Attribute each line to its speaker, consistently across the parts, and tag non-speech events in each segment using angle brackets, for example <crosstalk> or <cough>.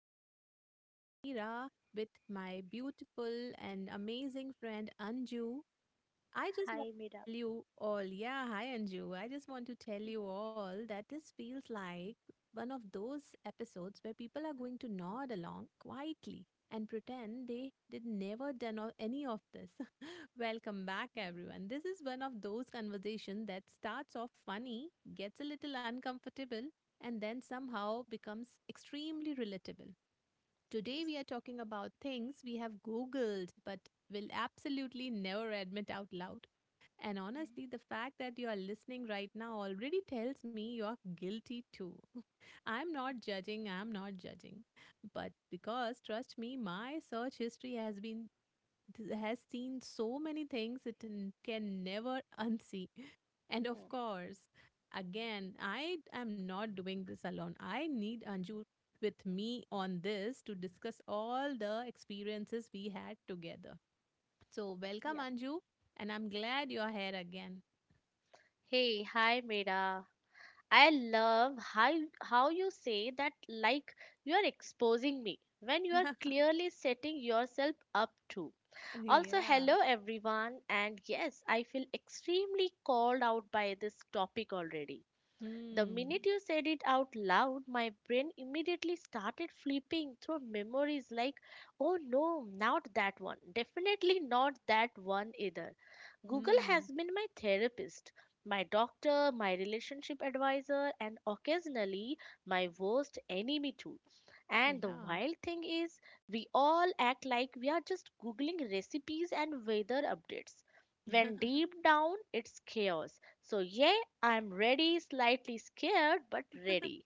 Speaker 1: This is your host Mira with my beautiful and amazing friend Anju. I just want
Speaker 2: Hi, Mira.
Speaker 1: to tell you all, yeah, hi Anju. I just want to tell you all that this feels like one of those episodes where people are going to nod along quietly and pretend they did never done any of this. <laughs> Welcome back, everyone. This is one of those conversations that starts off funny, gets a little uncomfortable, and then somehow becomes extremely relatable. Today,
Speaker 2: Yes.
Speaker 1: we are talking about things we have Googled but will absolutely never admit out loud. And
Speaker 2: Mm,
Speaker 1: honestly, the fact that you are listening right now already tells me you are guilty too. <laughs> I'm not judging, I'm not judging. But because trust me, my search history has seen so many things it can never <laughs> unsee. And of
Speaker 2: Mm.
Speaker 1: course, again, I am not doing this alone. I need Anju with me on this to discuss all the experiences we had together. So, welcome
Speaker 2: Yeah.
Speaker 1: Anju, and I'm glad you're here again.
Speaker 2: Hey, hi Mira. I love how you say that like you are exposing me when you are
Speaker 1: <laughs>
Speaker 2: clearly setting yourself up to. Also,
Speaker 1: Yeah.
Speaker 2: hello everyone, and yes, I feel extremely called out by this topic already. The
Speaker 1: Hmm.
Speaker 2: minute you said it out loud, my brain immediately started flipping through memories like, oh no, not that one. Definitely not that one either. Google has
Speaker 1: Hmm.
Speaker 2: been my therapist, my doctor, my relationship advisor, and occasionally my worst enemy too. And the
Speaker 1: Yeah.
Speaker 2: wild thing is, we all act like we are just Googling recipes and weather updates. When
Speaker 1: <laughs>
Speaker 2: deep down, it's chaos. So, yeah, I'm ready, slightly scared, but ready.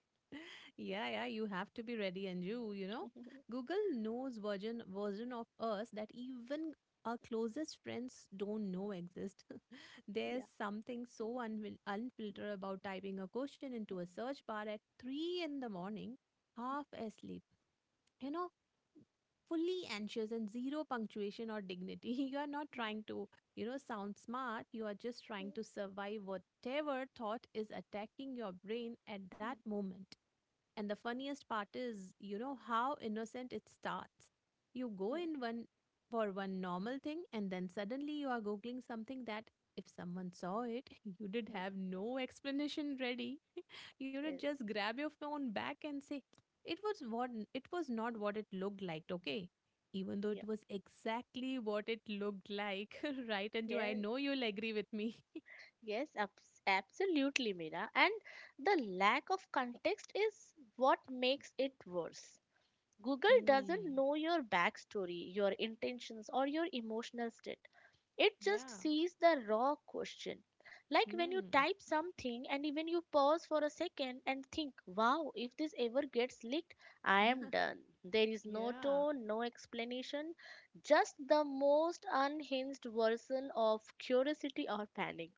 Speaker 1: Yeah, yeah, you have to be ready, and you know,
Speaker 2: <laughs>
Speaker 1: Google knows version of us that even our closest friends don't know exist. <laughs> There's
Speaker 2: Yeah.
Speaker 1: something so unfiltered about typing a question into a search bar at three in the morning, half asleep. You know, fully anxious and zero punctuation or dignity. <laughs> You are not trying to, you know, sound smart. You are just trying to survive whatever thought is attacking your brain at that moment. And the funniest part is, you know, how innocent it starts. You go in one for one normal thing, and then suddenly you are googling something that, if someone saw it, <laughs> you did have no explanation ready. You know,
Speaker 2: Yes.
Speaker 1: just grab your phone back and say it was what it was not what it looked like, okay, even though
Speaker 2: Yeah.
Speaker 1: it was exactly what it looked like. <laughs> Right, Anju, I
Speaker 2: Yes.
Speaker 1: know you'll agree with me.
Speaker 2: Yes. Absolutely, Mira. And the lack of context is what makes it worse. Google doesn't
Speaker 1: Hmm.
Speaker 2: know your backstory, your intentions, or your emotional state. It just
Speaker 1: Yeah.
Speaker 2: sees the raw question. Like when you
Speaker 1: Hmm.
Speaker 2: type something and even you pause for a second and think, wow, if this ever gets leaked, I am done. There is no
Speaker 1: Yeah.
Speaker 2: tone, no explanation, just the most unhinged version of curiosity or panic.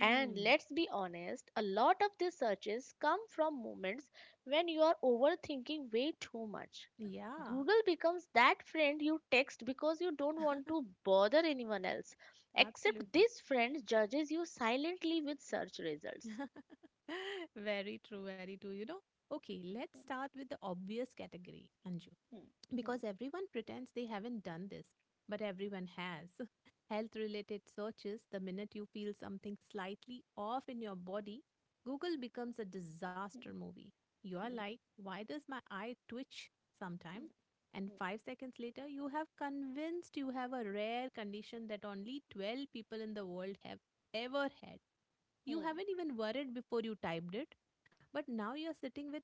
Speaker 2: And let's be honest, a lot of these searches come from moments when you are overthinking way too much.
Speaker 1: Yeah.
Speaker 2: Google becomes that friend you text because you don't want to
Speaker 1: <laughs>
Speaker 2: bother anyone else, except
Speaker 1: Absolutely.
Speaker 2: this friend judges you silently with search results.
Speaker 1: <laughs> Very true. Very true. You know, okay, let's start with the obvious category, Anju,
Speaker 2: Hmm, hmm,
Speaker 1: because everyone pretends they haven't done this, but everyone has. <laughs> Health related searches, the minute you feel something slightly off in your body, Google becomes a
Speaker 2: hmm,
Speaker 1: disaster movie. You're
Speaker 2: hmm,
Speaker 1: like, why does my eye twitch
Speaker 2: hmm,
Speaker 1: sometimes?
Speaker 2: hmm,
Speaker 1: And
Speaker 2: hmm,
Speaker 1: 5 seconds later, you have convinced you have a rare condition that only 12 people in the world have ever had. You
Speaker 2: hmm.
Speaker 1: haven't even worried before you typed it. But now you're sitting with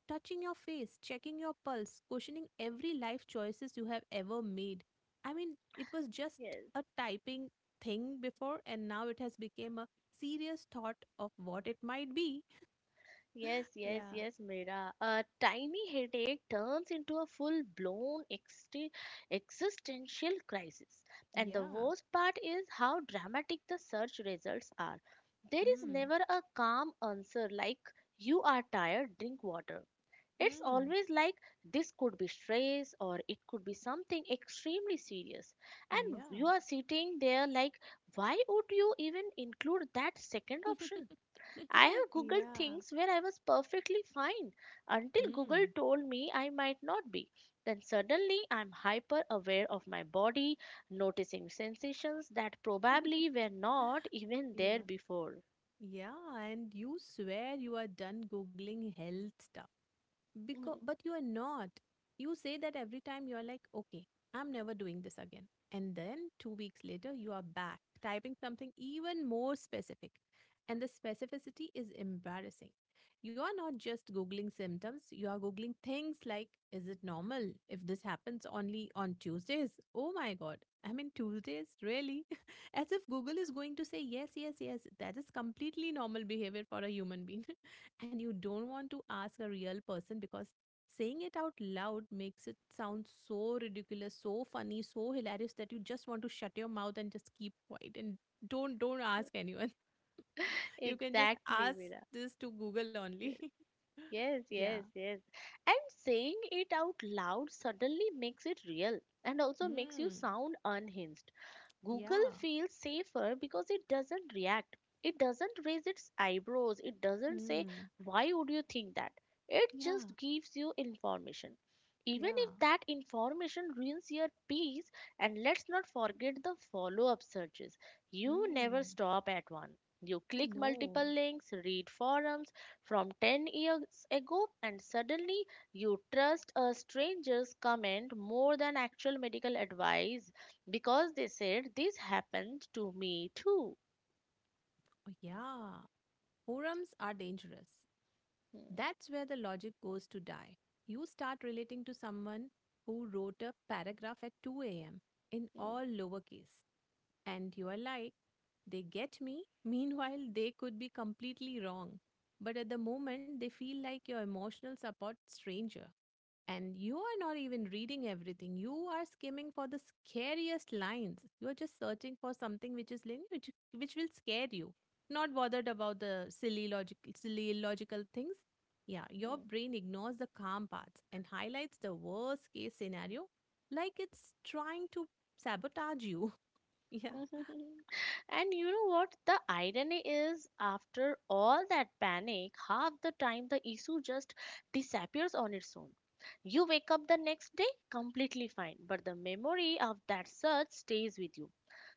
Speaker 1: touching your face, checking your pulse, questioning every life choices you have ever made. I mean, it was just
Speaker 2: Yes,
Speaker 1: a typing thing before, and now it has become a serious thought of what it might be.
Speaker 2: yes, yes,
Speaker 1: Yeah.
Speaker 2: yes, Mira. A tiny headache turns into a full blown existential crisis. And the
Speaker 1: Yeah.
Speaker 2: worst part is how dramatic the search results are. There is
Speaker 1: Hmm.
Speaker 2: never a calm answer like, you are tired, drink water. It's
Speaker 1: Hmm.
Speaker 2: always like this could be stress or it could be something extremely serious. And you
Speaker 1: Yeah.
Speaker 2: are sitting there like, why would you even include that second option? I have
Speaker 1: <laughs>
Speaker 2: Googled
Speaker 1: Yeah.
Speaker 2: things where I was perfectly fine until Google
Speaker 1: Hmm.
Speaker 2: told me I might not be. Then suddenly I'm hyper aware of my body, noticing sensations that probably
Speaker 1: <laughs>
Speaker 2: were not even there
Speaker 1: Yeah.
Speaker 2: before.
Speaker 1: Yeah, and you swear you are done googling health stuff, because but you are not. You say that every time. You're like, okay, I'm never doing this again. And then 2 weeks later, you are back typing something even more specific, and the specificity is embarrassing. You are not just googling symptoms, you are googling things like, is it normal if this happens only on Tuesdays? Oh my god. I mean, Tuesdays, really? <laughs> As if Google is going to say, yes, yes, yes, that is completely normal behavior for a human being. And you don't want to ask a real person, because saying it out loud makes it sound so ridiculous, so funny, so hilarious that you just want to shut your mouth and just keep quiet and don't ask
Speaker 2: <laughs>
Speaker 1: anyone. <laughs> You can just
Speaker 2: Exactly,
Speaker 1: ask
Speaker 2: Mira.
Speaker 1: this to Google only. <laughs>
Speaker 2: Yes,
Speaker 1: Yeah.
Speaker 2: yes, yes. And saying it out loud suddenly makes it real and also makes you
Speaker 1: Hmm.
Speaker 2: sound unhinged. Google
Speaker 1: Yeah.
Speaker 2: feels safer because it doesn't react. It doesn't raise its eyebrows. It doesn't say,
Speaker 1: Hmm.
Speaker 2: why would you think that? It
Speaker 1: Yeah.
Speaker 2: just gives you information. Even
Speaker 1: Yeah.
Speaker 2: if that information ruins your peace, and let's not forget the follow up searches. You never
Speaker 1: Hmm.
Speaker 2: stop at one. You
Speaker 1: I
Speaker 2: click multiple
Speaker 1: know.
Speaker 2: links, read forums from 10 years ago, and suddenly you trust a stranger's comment more than actual medical advice because they said this happened to me too.
Speaker 1: Oh, yeah, forums are dangerous.
Speaker 2: Hmm,
Speaker 1: That's where the logic goes to die. You start relating to someone who wrote a paragraph at 2 a.m. in
Speaker 2: hmm,
Speaker 1: all lowercase. And you are like, they get me. Meanwhile, they could be completely wrong. But at the moment, they feel like your emotional support stranger. And you are not even reading everything. You are skimming for the scariest lines. You are just searching for something which is linear, which will scare you. Not bothered about the silly logical, silly illogical things. Yeah, your
Speaker 2: hmm.
Speaker 1: brain ignores the calm parts and highlights the worst case scenario, like it's trying to sabotage you. <laughs> Yeah.
Speaker 2: <laughs> And you know what? The irony is, after all that panic, half the time the issue just disappears on its own. You wake up the next day completely fine, but the memory of that search stays with you.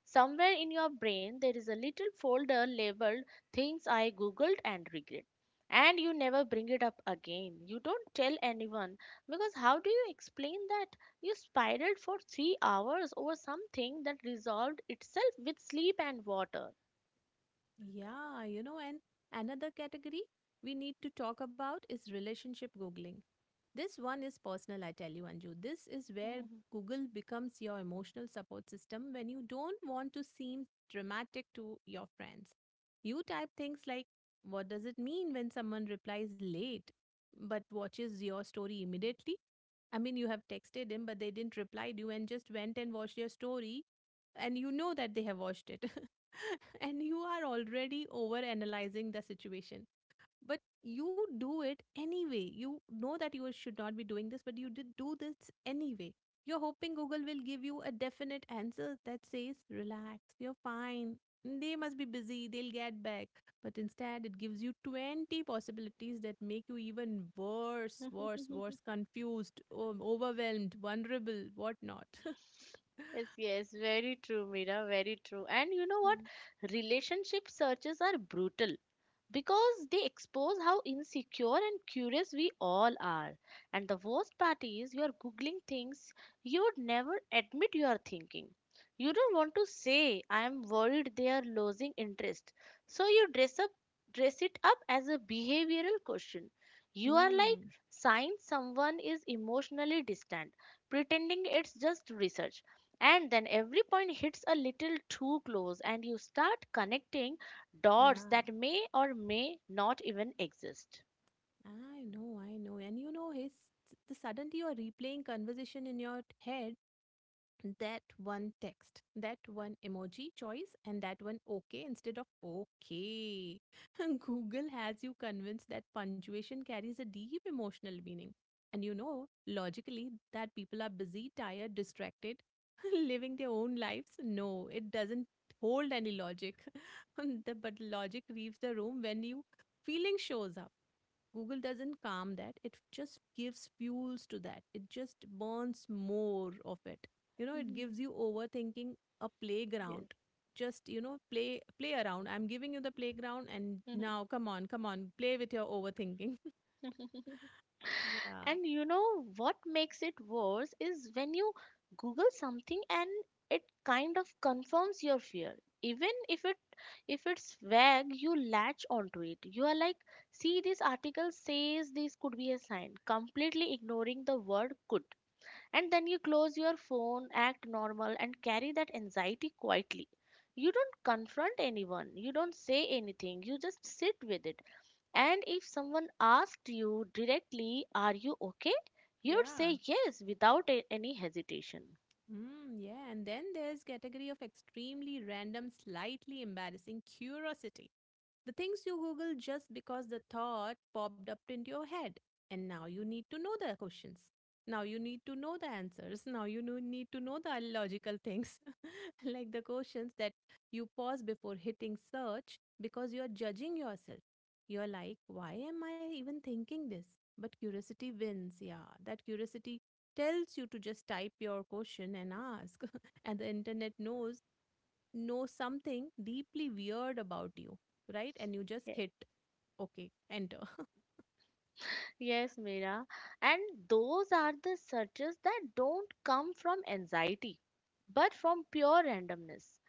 Speaker 2: Somewhere in your brain, there is a little folder labeled Things I Googled and Regret. And you never bring it up again. You don't tell anyone because how do you explain that? You spiraled for 3 hours over something that resolved itself with sleep and water.
Speaker 1: Yeah, you know, and another category we need to talk about is relationship Googling. This one is personal, I tell you, Anju. This is where
Speaker 2: <laughs>
Speaker 1: Google becomes your emotional support system when you don't want to seem dramatic to your friends. You type things like, what does it mean when someone replies late but watches your story immediately? I mean, you have texted him, but they didn't reply to you and just went and watched your story, and you know that they have watched it. <laughs> And you are already over analyzing the situation, but you do it anyway. You know that you should not be doing this, but you did do this anyway. You're hoping Google will give you a definite answer that says, relax, you're fine, they must be busy, they'll get back. But instead it gives you 20 possibilities that make you even worse, confused, overwhelmed, vulnerable, whatnot. <laughs>
Speaker 2: Yes, yes, very true, Mira, very true. And you know what? Relationship searches are brutal. Because they expose how insecure and curious we all are. And the worst part is you are googling things you'd never admit you are thinking. You don't want to say I am worried they are losing interest. So you dress it up as a behavioral question. You are like
Speaker 1: Hmm.
Speaker 2: signs someone is emotionally distant, pretending it's just research. And then every point hits a little too close and you start connecting dots
Speaker 1: Yeah,
Speaker 2: that may or may not even exist.
Speaker 1: I know, I know. And you know, his the suddenly you're replaying conversation in your head, that one text, that one emoji choice, and that one okay instead of okay. <laughs> Google has you convinced that punctuation carries a deep emotional meaning. And you know, logically, that people are busy, tired, distracted, <laughs> living their own lives. No, it doesn't hold any logic. <laughs> But logic leaves the room when you feeling shows up. Google doesn't calm that. It just gives fuels to that. It just burns more of it. You know, it
Speaker 2: Mhm.
Speaker 1: gives you overthinking a
Speaker 2: Yes.
Speaker 1: playground. Just, you know, play around. I'm giving you the playground and now, come on, come on, play with your overthinking.
Speaker 2: <laughs>
Speaker 1: <laughs> Yeah.
Speaker 2: And you know what makes it worse is when you Google something and it kind of confirms your fear. Even if it's vague, you latch onto it. You are like, see this article says this could be a sign, completely ignoring the word could. And then you close your phone, act normal, and carry that anxiety quietly. You don't confront anyone, you don't say anything, you just sit with it. And if someone asked you directly, are you okay? You'd
Speaker 1: Yeah.
Speaker 2: say yes without any hesitation.
Speaker 1: Mm, yeah, and then there's category of extremely random, slightly embarrassing curiosity. The things you Google just because the thought popped up into your head. And now you need to know the questions. Now you need to know the answers. Now you need to know the logical things, <laughs> like the questions that you pause before hitting search because you're judging yourself. You're like, why am I even thinking this? But curiosity wins. Yeah, that curiosity tells you to just type your question and ask. <laughs> And the internet knows something deeply weird about you, right, and you just
Speaker 2: Yes.
Speaker 1: hit okay, enter. <laughs>
Speaker 2: Yes, Mira. And those are the searches that don't come from anxiety, but from pure randomness.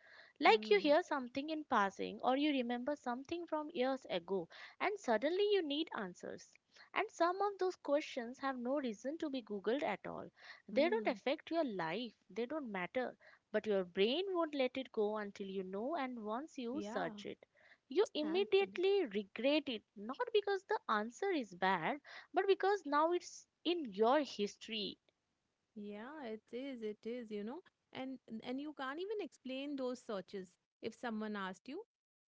Speaker 2: Like you
Speaker 1: Mm,
Speaker 2: hear something in passing, or you remember something from years ago, and suddenly you need answers. And some of those questions have no reason to be Googled at all. They don't
Speaker 1: mm.
Speaker 2: affect your life, they don't matter. But your brain won't let it go until you know, and once you
Speaker 1: Yeah.
Speaker 2: search it you
Speaker 1: Absolutely.
Speaker 2: immediately regret it, not because the answer is bad but because now it's in your history.
Speaker 1: Yeah, it is. It is, you know. And you can't even explain those searches if someone asked you.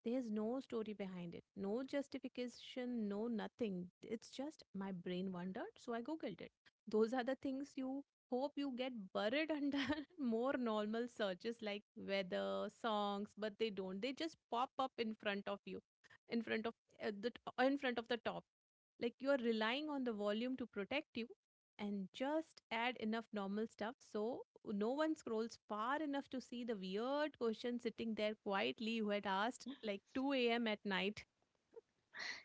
Speaker 1: There's no story behind it. No justification, no nothing. It's just, my brain wondered, so I googled it. Those are the things you hope you get buried under <laughs> more normal searches like weather, songs, but they don't. They just pop up in front of you, in front of in front of the top. Like you are relying on the volume to protect you, and just add enough normal stuff so no one scrolls far enough to see the weird question sitting there quietly who had asked like 2 a.m. at night.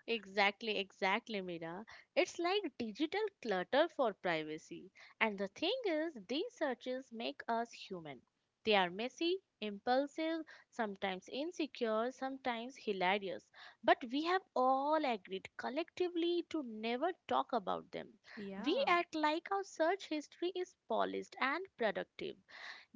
Speaker 2: Exactly, exactly, Mira. It's like digital clutter for privacy. And the thing is, these searches make us human. They are messy, impulsive, sometimes insecure, sometimes hilarious. But we have all agreed collectively to never talk about them. We
Speaker 1: Yeah.
Speaker 2: act like our search history is polished and productive.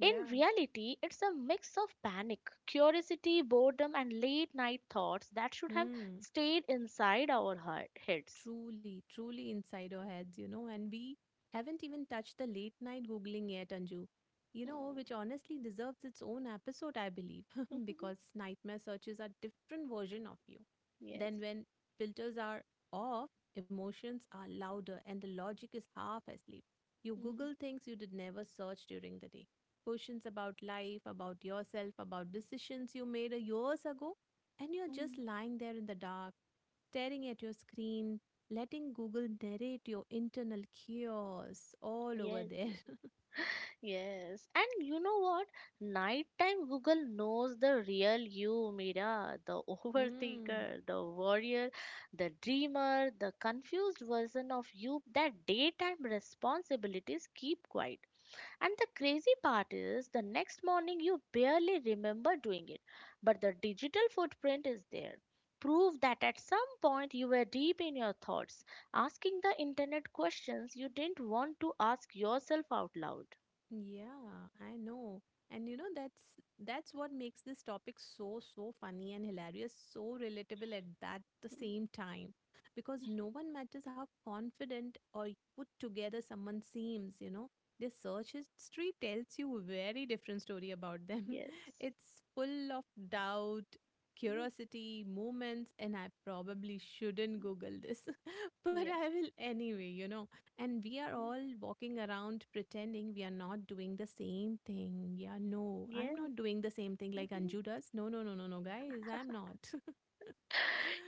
Speaker 2: In reality, it's a mix of panic, curiosity, boredom, and late night thoughts that should have
Speaker 1: Hmm.
Speaker 2: stayed inside our heads.
Speaker 1: Truly, truly inside our heads, you know, and we haven't even touched the late night Googling yet, Anju. You know,
Speaker 2: Hmm.
Speaker 1: which honestly deserves its own episode, I believe, <laughs> because
Speaker 2: <laughs>
Speaker 1: nightmare searches are different version of you.
Speaker 2: Yes.
Speaker 1: Then when filters are off, emotions are louder and the logic is half asleep. You
Speaker 2: Mhm.
Speaker 1: Google things you did never search during the day. Questions about life, about yourself, about decisions you made a years ago, and you're
Speaker 2: Hmm.
Speaker 1: just lying there in the dark staring at your screen, letting Google narrate your internal chaos all over
Speaker 2: Yes,
Speaker 1: there. <laughs>
Speaker 2: yes, yes. And you know what? Nighttime Google knows the real you, Mira, the <laughs>
Speaker 1: Hmm.
Speaker 2: overthinker, the warrior, the dreamer, the confused version of you that daytime responsibilities keep quiet. And the crazy part is, the next morning you barely remember doing it, but the digital footprint is there. Proof that at some point you were deep in your thoughts, asking the internet questions you didn't want to ask yourself out loud.
Speaker 1: Yeah, I know. And you know that's what makes this topic so so funny and hilarious, so relatable at that the
Speaker 2: Hmm.
Speaker 1: same time. Because no one matters how confident or put together someone seems, you know, their search history tells you a very different story about them. <laughs>
Speaker 2: Yes.
Speaker 1: It's full of doubt,
Speaker 2: Hmm,
Speaker 1: curiosity, moments, and I probably shouldn't
Speaker 2: hmm.
Speaker 1: Google this, <laughs> but
Speaker 2: Yeah.
Speaker 1: I will anyway, you know, and we are
Speaker 2: Hmm.
Speaker 1: all walking around pretending we are not doing the same thing. Yeah, no, I'm
Speaker 2: Yes.
Speaker 1: not doing the same thing
Speaker 2: Hmm,
Speaker 1: like
Speaker 2: hmm.
Speaker 1: Anju does. No, no, no, no, no, guys, I'm not. <laughs>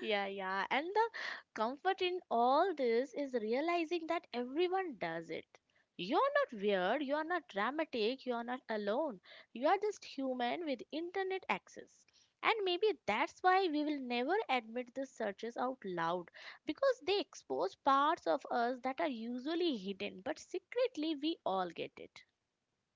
Speaker 2: Yeah, yeah. And the comfort in all this is realizing that everyone does it. You're not weird, you're not dramatic, you're not alone. You are just human with internet access. And maybe that's why we will never admit these searches out loud, because they expose parts of us that are usually hidden, but secretly we all get it.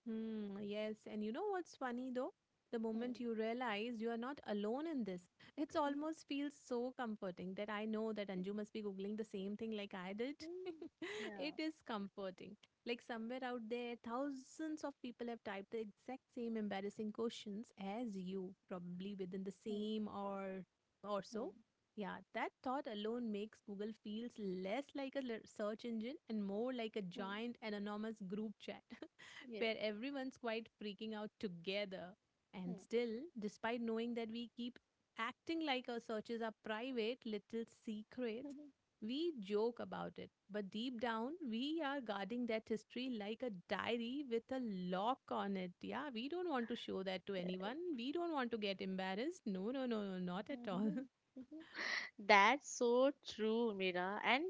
Speaker 1: Hmm, yes. And you know what's funny though? The
Speaker 2: Hmm.
Speaker 1: moment you realize you are not alone in this, it
Speaker 2: Hmm.
Speaker 1: almost feels so comforting that I know that Anju must be googling the same thing like I did.
Speaker 2: Hmm.
Speaker 1: <laughs> It
Speaker 2: Yeah.
Speaker 1: is comforting. Like somewhere out there, thousands of people have typed the exact same embarrassing questions as you, probably within the
Speaker 2: Hmm.
Speaker 1: same or so.
Speaker 2: Hmm.
Speaker 1: Yeah, that thought alone makes Google feels less like a search engine and more like a
Speaker 2: Hmm.
Speaker 1: giant anonymous group chat. <laughs>
Speaker 2: Yes.
Speaker 1: Where everyone's quite freaking out together. And
Speaker 2: Hmm.
Speaker 1: still, despite knowing that we keep acting like our searches are private little secrets, we joke about it. But deep down, we are guarding that history like a diary with a lock on it. Yeah, we don't want to show that to
Speaker 2: <laughs> Yes.
Speaker 1: anyone. We don't want to get embarrassed. No, no, no, no, not at all. <laughs>
Speaker 2: <laughs> That's so true, Mira. And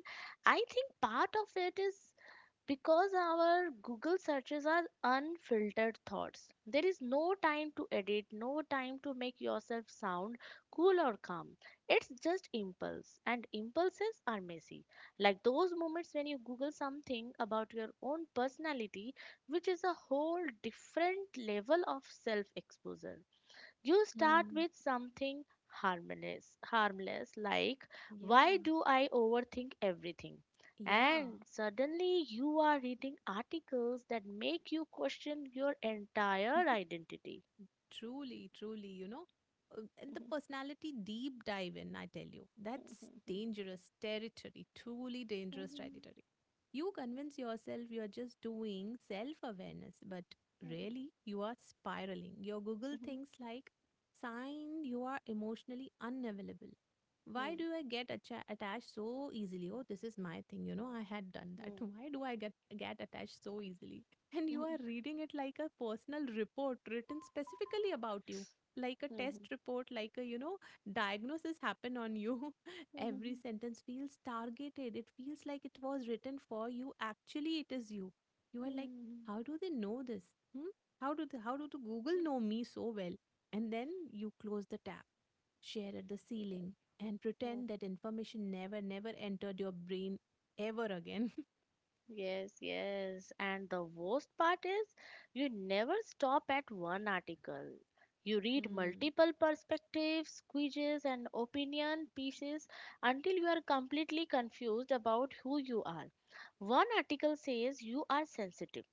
Speaker 2: I think part of it is because our Google searches are unfiltered thoughts. There is no time to edit, no time to make yourself sound cool or calm. It's just impulse, and impulses are messy. Like those moments when you Google something about your own personality, which is a whole different level of self exposure. You start
Speaker 1: Hmm.
Speaker 2: with something harmless like, why
Speaker 1: Yeah,
Speaker 2: do I overthink everything?
Speaker 1: yeah.
Speaker 2: And suddenly you are reading articles that make you question your entire identity.
Speaker 1: Truly, truly, you know, and the personality deep dive in, I tell you, that's dangerous territory, truly dangerous territory. You convince yourself you're just doing self awareness, but really, you are spiraling. Your Google thinks like, sign you are emotionally unavailable. Why do I get attached so easily? Oh, this is my thing, you know, I had done that. <laughs> Why do I get attached so easily? And you are reading it like a personal report written specifically about you, like a test report, like a, you know, diagnosis happen on you. <laughs> Every sentence feels targeted. It feels like it was written for you. Actually, it is you. You are like, how do they know this? Hmm? How do the Google know me so well? And then you close the tab, share at the ceiling, and pretend
Speaker 2: <laughs>
Speaker 1: that information never, never entered your brain ever again.
Speaker 2: Yes, yes. And the worst part is you never stop at one article.
Speaker 1: <laughs>
Speaker 2: You read
Speaker 1: Hmm.
Speaker 2: multiple perspectives, quizzes, and opinion pieces until you are completely confused about who you are. One article says you are sensitive.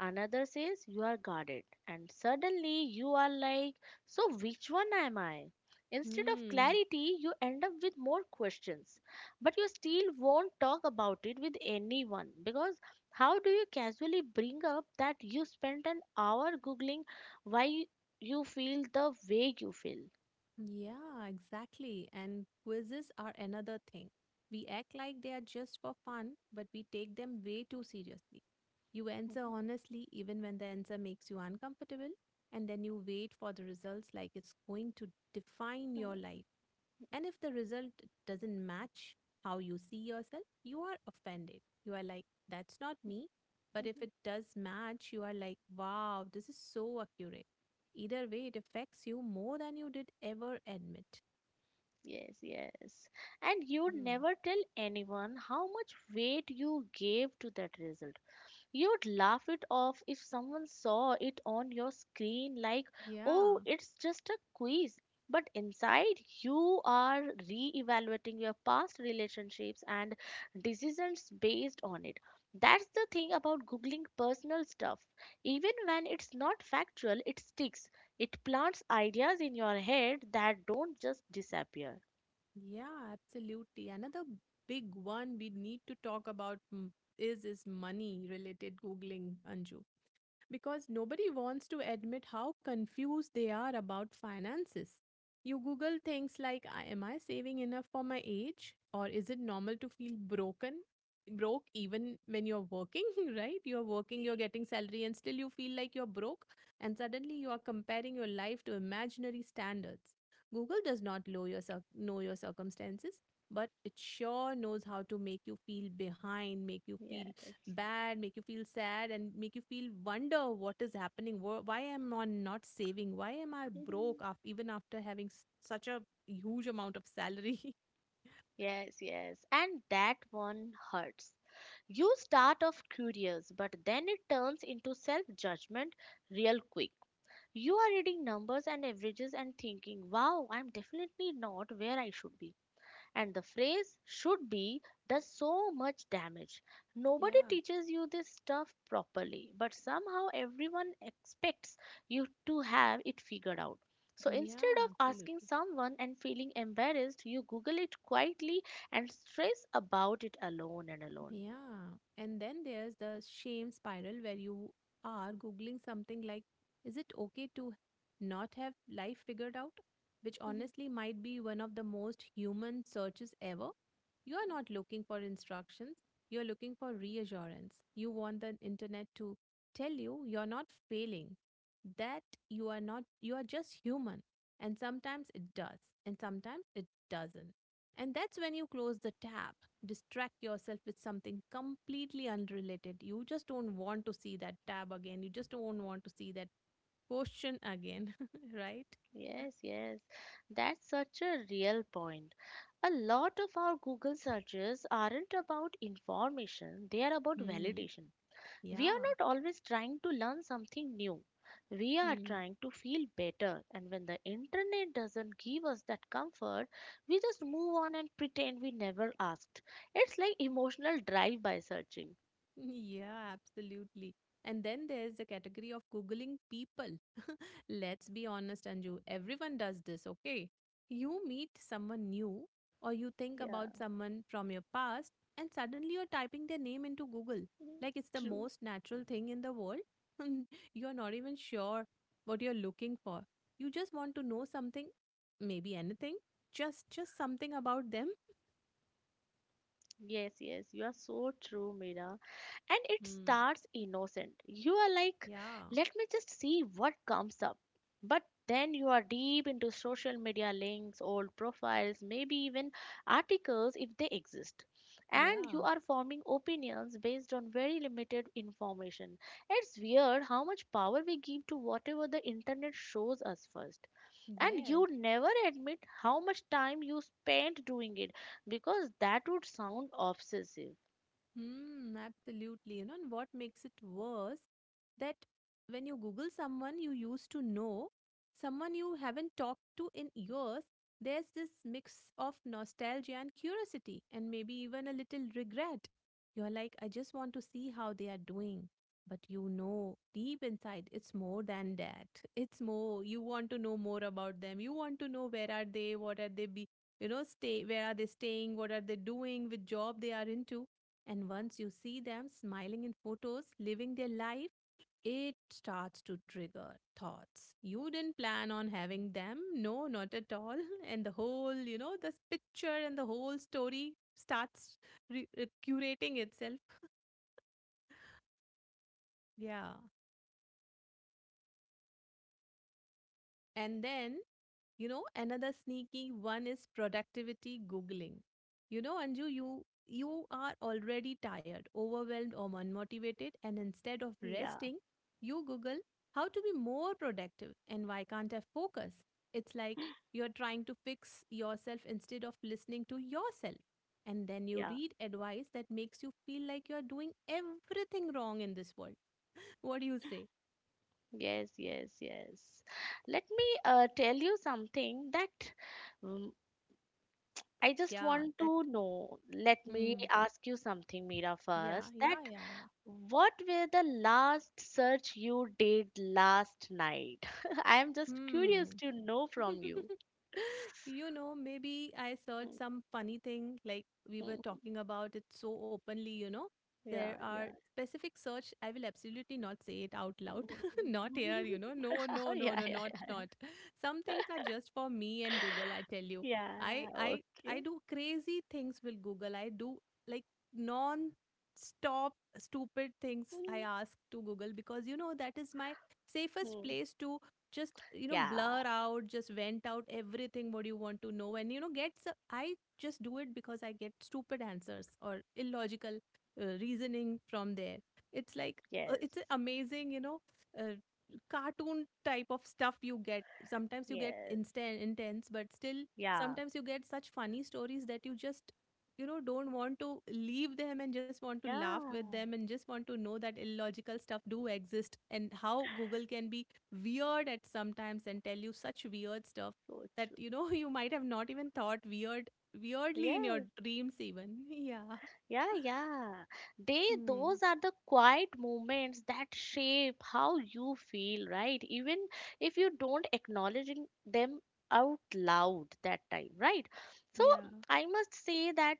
Speaker 2: Another says you are guarded. And suddenly you are like, so which one am I? Instead of
Speaker 1: Hmm.
Speaker 2: clarity, you end up with more questions. But you still won't talk about it with anyone, because how do you casually bring up that you spent an hour googling why you feel the way you feel?
Speaker 1: Yeah, exactly. And quizzes are another thing. We act like they are just for fun, but we take them way too seriously. You answer
Speaker 2: <laughs>
Speaker 1: honestly even when the answer makes you uncomfortable, and then you wait for the results like it's going to define your life. And if the result doesn't match how you see yourself, you are offended. You are like, that's not me. But if it does match, you are like, wow, this is so accurate. Either way, it affects you more than you did ever admit.
Speaker 2: Yes, yes. And you
Speaker 1: Mm.
Speaker 2: never tell anyone how much weight you gave to that result. You'd laugh it off if someone saw it on your screen, like, oh,
Speaker 1: Yeah,
Speaker 2: it's just a quiz. But inside, you are re evaluating your past relationships and decisions based on it. That's the thing about Googling personal stuff. Even when it's not factual, it sticks. It plants ideas in your head that don't just disappear.
Speaker 1: yeah, absolutely. Another big one we need to talk about is money related Googling, Anju. Because nobody wants to admit how confused they are about finances. You Google things like, "I- Am I saving enough for my age? Or is it normal to feel broken? Broke even when you're working," <laughs> right? You're working, you're getting salary, and still you feel like you're broke. And suddenly you are comparing your life to imaginary standards. Google does not know your, circumstances, but it sure knows how to make you feel behind, make you feel
Speaker 2: Yes.
Speaker 1: bad, make you feel sad, and make you feel wonder what is happening. Why am I not saving? Why am I broke
Speaker 2: <laughs>
Speaker 1: after even after having such a huge amount of salary? <laughs>
Speaker 2: Yes, yes. And that one hurts. You start off curious, but then it turns into self judgment real quick. You are reading numbers and averages and thinking, wow, I'm definitely not where I should be. And the phrase should be does so much damage. Nobody
Speaker 1: Yeah.
Speaker 2: teaches you this stuff properly, but somehow everyone expects you to have it figured out. So instead
Speaker 1: Yeah,
Speaker 2: of asking
Speaker 1: absolutely.
Speaker 2: someone and feeling embarrassed, you Google it quietly and stress about it alone and alone.
Speaker 1: Yeah. And then there's the shame spiral where you are Googling something like, is it okay to not have life figured out? Which honestly
Speaker 2: <laughs>
Speaker 1: might be one of the most human searches ever. You are not looking for instructions, you are looking for reassurance. You want the internet to tell you you're not failing, that you are not, you are just human. And sometimes it does, and sometimes it doesn't. And that's when you close the tab distract yourself with something completely unrelated. You just don't want to see that tab again. You just don't want to see that question again, <laughs> right?
Speaker 2: Yes, yes, that's such a real point. A lot of our Google searches aren't about information, they are about
Speaker 1: Hmm.
Speaker 2: validation. We are
Speaker 1: Yeah.
Speaker 2: not always trying to learn something new. We are
Speaker 1: Hmm. <laughs>
Speaker 2: trying to feel better. And when the internet doesn't give us that comfort, we just move on and pretend we never asked. It's like emotional drive by searching.
Speaker 1: Yeah, absolutely. And then there's the category of Googling people. Let's be honest, Anju. Everyone does this, okay? You meet someone new or you think
Speaker 2: Yeah,
Speaker 1: about someone from your past, and suddenly you're typing their name into Google.
Speaker 2: mm,
Speaker 1: Like it's the
Speaker 2: true.
Speaker 1: most natural thing in the world. <laughs> You're not even sure what you're looking for. You just want to know something, maybe anything, just something about them.
Speaker 2: Yes, yes, you are so true, Mira. And it
Speaker 1: Hmm.
Speaker 2: starts innocent. You are like,
Speaker 1: Yeah.
Speaker 2: let me just see what comes up. But then you are deep into social media links, old profiles, maybe even articles if they exist. And you
Speaker 1: Yeah.
Speaker 2: are forming opinions based on very limited information. It's weird how much power we give to whatever the internet shows us first. And you
Speaker 1: Yes.
Speaker 2: never admit how much time you spent doing it, because that would sound obsessive.
Speaker 1: Hmm, absolutely. You know, and what makes it worse that when you Google someone you used to know, someone you haven't talked to in years, there's this mix of nostalgia and curiosity, and maybe even a little regret. You're like, I just want to see how they are doing. But you know, deep inside, it's more than that. <laughs> It's more, you want to know more about them. You want to know where are they, what are they be, you know, stay, where are they staying, what are they doing, which job they are into, and once you see them smiling in photos, living their life, it starts to trigger thoughts. You didn't plan on having them. No, not at all. <laughs> And the whole, you know, this picture and the whole story starts curating itself. Yeah. And then, you know, another sneaky one is productivity googling. You know, Anju, you are already tired, overwhelmed or unmotivated and instead of
Speaker 2: Yeah,
Speaker 1: resting, you google how to be more productive and why can't I focus? It's like you're trying to fix yourself instead of listening to yourself. And then you
Speaker 2: yeah.
Speaker 1: read advice that makes you feel like you're doing everything wrong in this world. <laughs> What do you say?
Speaker 2: Yes, yes, yes. Let me tell you something that um, I just
Speaker 1: Yeah,
Speaker 2: want
Speaker 1: that.
Speaker 2: to know. Let me
Speaker 1: Hmm.
Speaker 2: ask you something, Mira,
Speaker 1: Yeah,
Speaker 2: first.
Speaker 1: yeah,
Speaker 2: That
Speaker 1: yeah, yeah.
Speaker 2: what were the last search you did last night? <laughs> I am just curious
Speaker 1: Hmm.
Speaker 2: to know from you.
Speaker 1: <laughs> You know, maybe I searched
Speaker 2: Mm,
Speaker 1: some funny thing like we were
Speaker 2: mm.
Speaker 1: talking about it so openly, you know. There
Speaker 2: Yeah,
Speaker 1: are
Speaker 2: yeah.
Speaker 1: specific search. I will absolutely not say it out loud. <laughs> Not here, you know. No,
Speaker 2: <laughs> Oh,
Speaker 1: no, no,
Speaker 2: yeah,
Speaker 1: no,
Speaker 2: yeah,
Speaker 1: not not. Some things are just for me and Google, I tell you. I
Speaker 2: yeah.
Speaker 1: I I
Speaker 2: Okay.
Speaker 1: do crazy things with Google. I do like non-stop stupid things I
Speaker 2: Mm,
Speaker 1: ask to Google because you know that is my safest
Speaker 2: mm.
Speaker 1: place to just you know
Speaker 2: Yeah,
Speaker 1: blur out, just vent out everything what you want to know, and you know get s- I just do it because I get stupid answers or illogical reasoning from there. It's like,
Speaker 2: yes,
Speaker 1: it's a amazing, you know, uh, cartoon type of stuff you get. Sometimes you get
Speaker 2: yes,
Speaker 1: instant intense, but still
Speaker 2: yeah,
Speaker 1: sometimes you get such funny stories that you just, you know, don't want to leave them and just want to laugh with
Speaker 2: yeah.
Speaker 1: them and just want to know that illogical stuff do exist, and how google can be weird at sometimes and tell you such weird stuff that
Speaker 2: Good.
Speaker 1: you know <laughs> you might have not even thought weirdly in your
Speaker 2: Yes,
Speaker 1: dreams even. <laughs> Yeah.
Speaker 2: yeah, yeah. They,
Speaker 1: Hmm.
Speaker 2: those are the quiet moments that shape how you feel, right? Even if you don't acknowledging them out loud that time, right? So
Speaker 1: Yeah.
Speaker 2: I must say that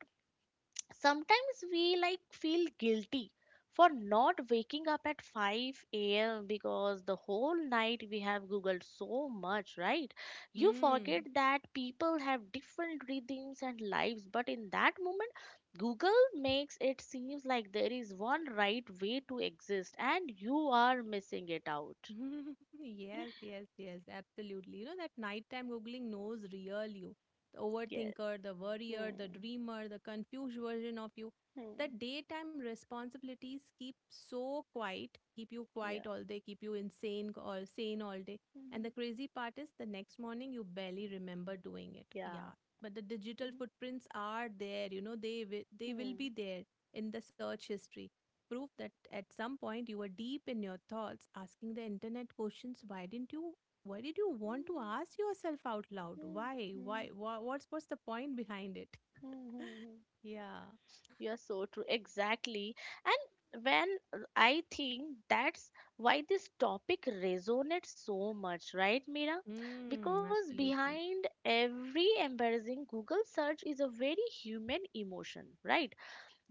Speaker 2: sometimes we like feel guilty for not waking up at 5 a.m. because the whole night we have googled so much, right? You forget
Speaker 1: Hmm.
Speaker 2: that people have different rhythms and lives, but in that moment, Google makes it seems like there is one right way to exist and you are missing it out.
Speaker 1: <laughs> Yes, yes, yes, absolutely. You know, that nighttime Googling knows real you, the
Speaker 2: Yeah.
Speaker 1: overthinker, the worrier, the
Speaker 2: Hmm.
Speaker 1: dreamer, the confused version of you. The
Speaker 2: Hmm.
Speaker 1: daytime responsibilities keep so quiet, keep you
Speaker 2: Yeah.
Speaker 1: quiet all day, keep you insane or sane all day. And the
Speaker 2: Hmm.
Speaker 1: crazy part is the next morning you barely remember doing it.
Speaker 2: Yeah.
Speaker 1: Yeah, but the digital
Speaker 2: Hmm.
Speaker 1: footprints are there, you know, they will be
Speaker 2: Hmm.
Speaker 1: there in the search history, proof that at some point you were deep in your thoughts asking the internet questions. Why didn't you, why did you want to
Speaker 2: Hmm.
Speaker 1: ask yourself out loud?
Speaker 2: Hmm.
Speaker 1: Why, why,
Speaker 2: Hmm.
Speaker 1: why what's the point behind it?
Speaker 2: Hmm. Hmm.
Speaker 1: <laughs> Yeah.
Speaker 2: You're so true. Exactly. And when I think that's why this topic resonates so much, right, Mira?
Speaker 1: Mm,
Speaker 2: Because
Speaker 1: absolutely.
Speaker 2: behind every embarrassing Google search is a very human emotion, right?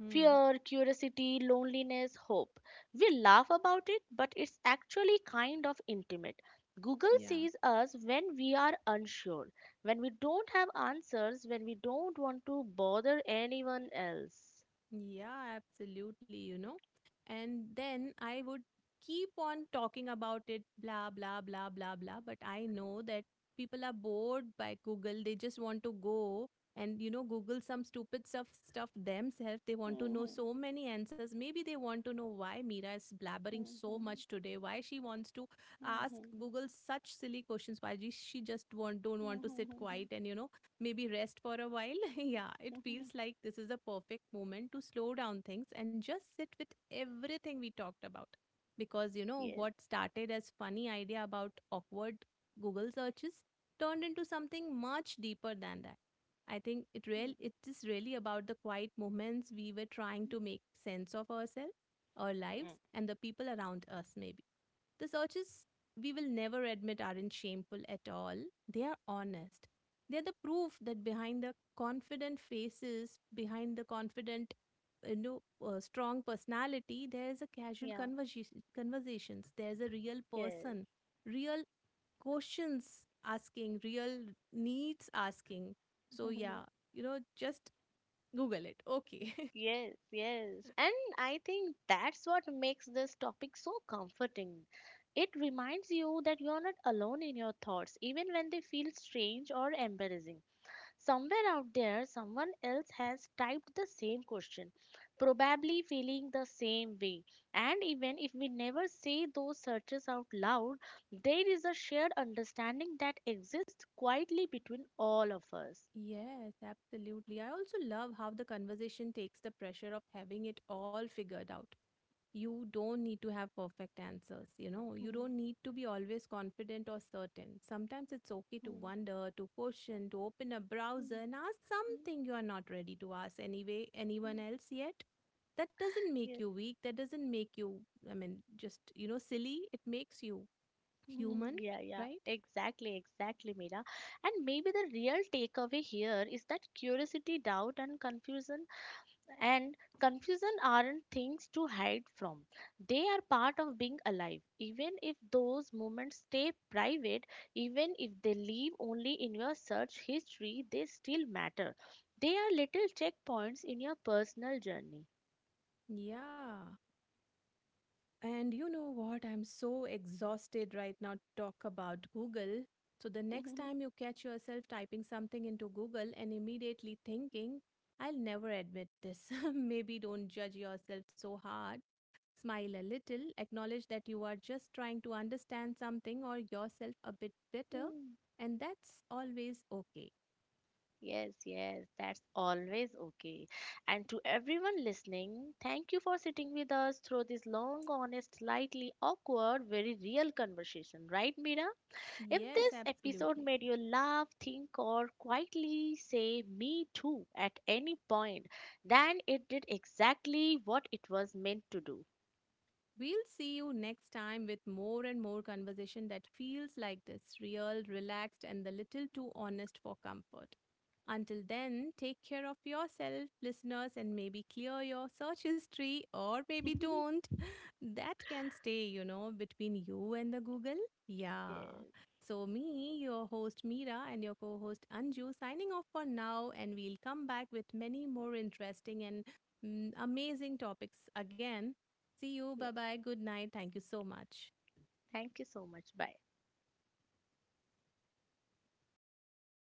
Speaker 1: Mm,
Speaker 2: Fear, curiosity, loneliness, hope. We laugh about it, but it's actually kind of intimate. Google
Speaker 1: yeah.
Speaker 2: sees us when we are unsure, when we don't have answers, when we don't want to bother anyone else.
Speaker 1: Yeah, absolutely, you know. And then I would keep on talking about it, blah, blah, blah, blah, blah. But I know that people are bored by Google. They just want to go and, you know, Google some stupid stuff themselves. They
Speaker 2: <laughs>
Speaker 1: want to know
Speaker 2: Yes.
Speaker 1: so many answers. Maybe they want to know why Mira is blabbering so much today, why she wants to ask Google such silly questions, why she just want don't want to sit quiet and, you know, maybe rest for a while. <laughs> Yeah, it feels like this is the perfect moment to slow down things and just sit with everything we talked about. Because you know what started as funny idea about awkward Google searches turned into something much deeper than that. I think it is really about the quiet moments we were trying to make sense of ourselves, our lives,
Speaker 2: Mm.
Speaker 1: and the people around us maybe. The searches we will never admit aren't shameful at all. They are honest. They're the proof that behind the confident faces, behind the confident, you know, strong personality, there's a casual
Speaker 2: Yeah.
Speaker 1: conversations. There's a real
Speaker 2: Yes.
Speaker 1: person, real questions asking, real needs asking. So yeah,
Speaker 2: <laughs>
Speaker 1: you know, just Google it. Okay. <laughs>
Speaker 2: Yes, yes. And I think that's what makes this topic so comforting. It reminds you that you are not alone in your thoughts, even when they feel strange or embarrassing. Somewhere out there, someone else has typed the same question, probably feeling the same way. And even if we never say those searches out loud, there is a shared understanding that exists quietly between all of us.
Speaker 1: Yes, absolutely. I also love how the conversation takes the pressure of having it all figured out. You don't need to have perfect answers, you know. You don't
Speaker 2: <laughs>
Speaker 1: need to be always confident or certain. Sometimes it's okay
Speaker 2: Hmm,
Speaker 1: to
Speaker 2: hmm,
Speaker 1: wonder, to question, to open a browser
Speaker 2: hmm,
Speaker 1: and ask
Speaker 2: hmm,
Speaker 1: something you are not ready to ask anyway, anyone else yet. That doesn't
Speaker 2: hmm.
Speaker 1: make
Speaker 2: Yeah.
Speaker 1: you weak. That doesn't make you, I mean, just, you know, silly. It makes you human,
Speaker 2: <laughs> Yeah, yeah,
Speaker 1: right?
Speaker 2: exactly, exactly, Mira. And maybe the real takeaway here is that curiosity, doubt, and confusion aren't things to hide from. They are part of being alive. Even if those moments stay private, even if they live only in your search history, they still matter. They are little checkpoints in your personal journey.
Speaker 1: Yeah. And you know what? I'm so exhausted right now to talk about Google. So the next time
Speaker 2: <laughs>
Speaker 1: you catch yourself typing something into Google and immediately thinking, I'll never admit this. <laughs> Maybe don't judge yourself so hard. Smile a little, acknowledge that you are just trying to understand something or yourself a bit better,
Speaker 2: Mm.
Speaker 1: and that's always okay.
Speaker 2: Yes, yes, that's always okay. And to everyone listening, thank you for sitting with us through this long, honest, slightly awkward, very real conversation, right, Mira? If
Speaker 1: Yes,
Speaker 2: this episode
Speaker 1: absolutely.
Speaker 2: made you laugh, think, or quietly say me too at any point, then it did exactly what it was meant to do.
Speaker 1: We'll see you next time with more and more conversation that feels like this real, relaxed, and a little too honest for comfort. Until then, take care of yourself, listeners, and maybe clear your search history or
Speaker 2: <laughs>
Speaker 1: maybe
Speaker 2: Yes,
Speaker 1: don't, that can stay, you know, between you and the Google. Yeah.
Speaker 2: yes.
Speaker 1: So, me, your host Meera, and your co host Anju signing off for now, and we'll come back with many more interesting and amazing topics again. See you. Bye bye. Good night. Thank you so much.
Speaker 2: Thank you so much. Bye.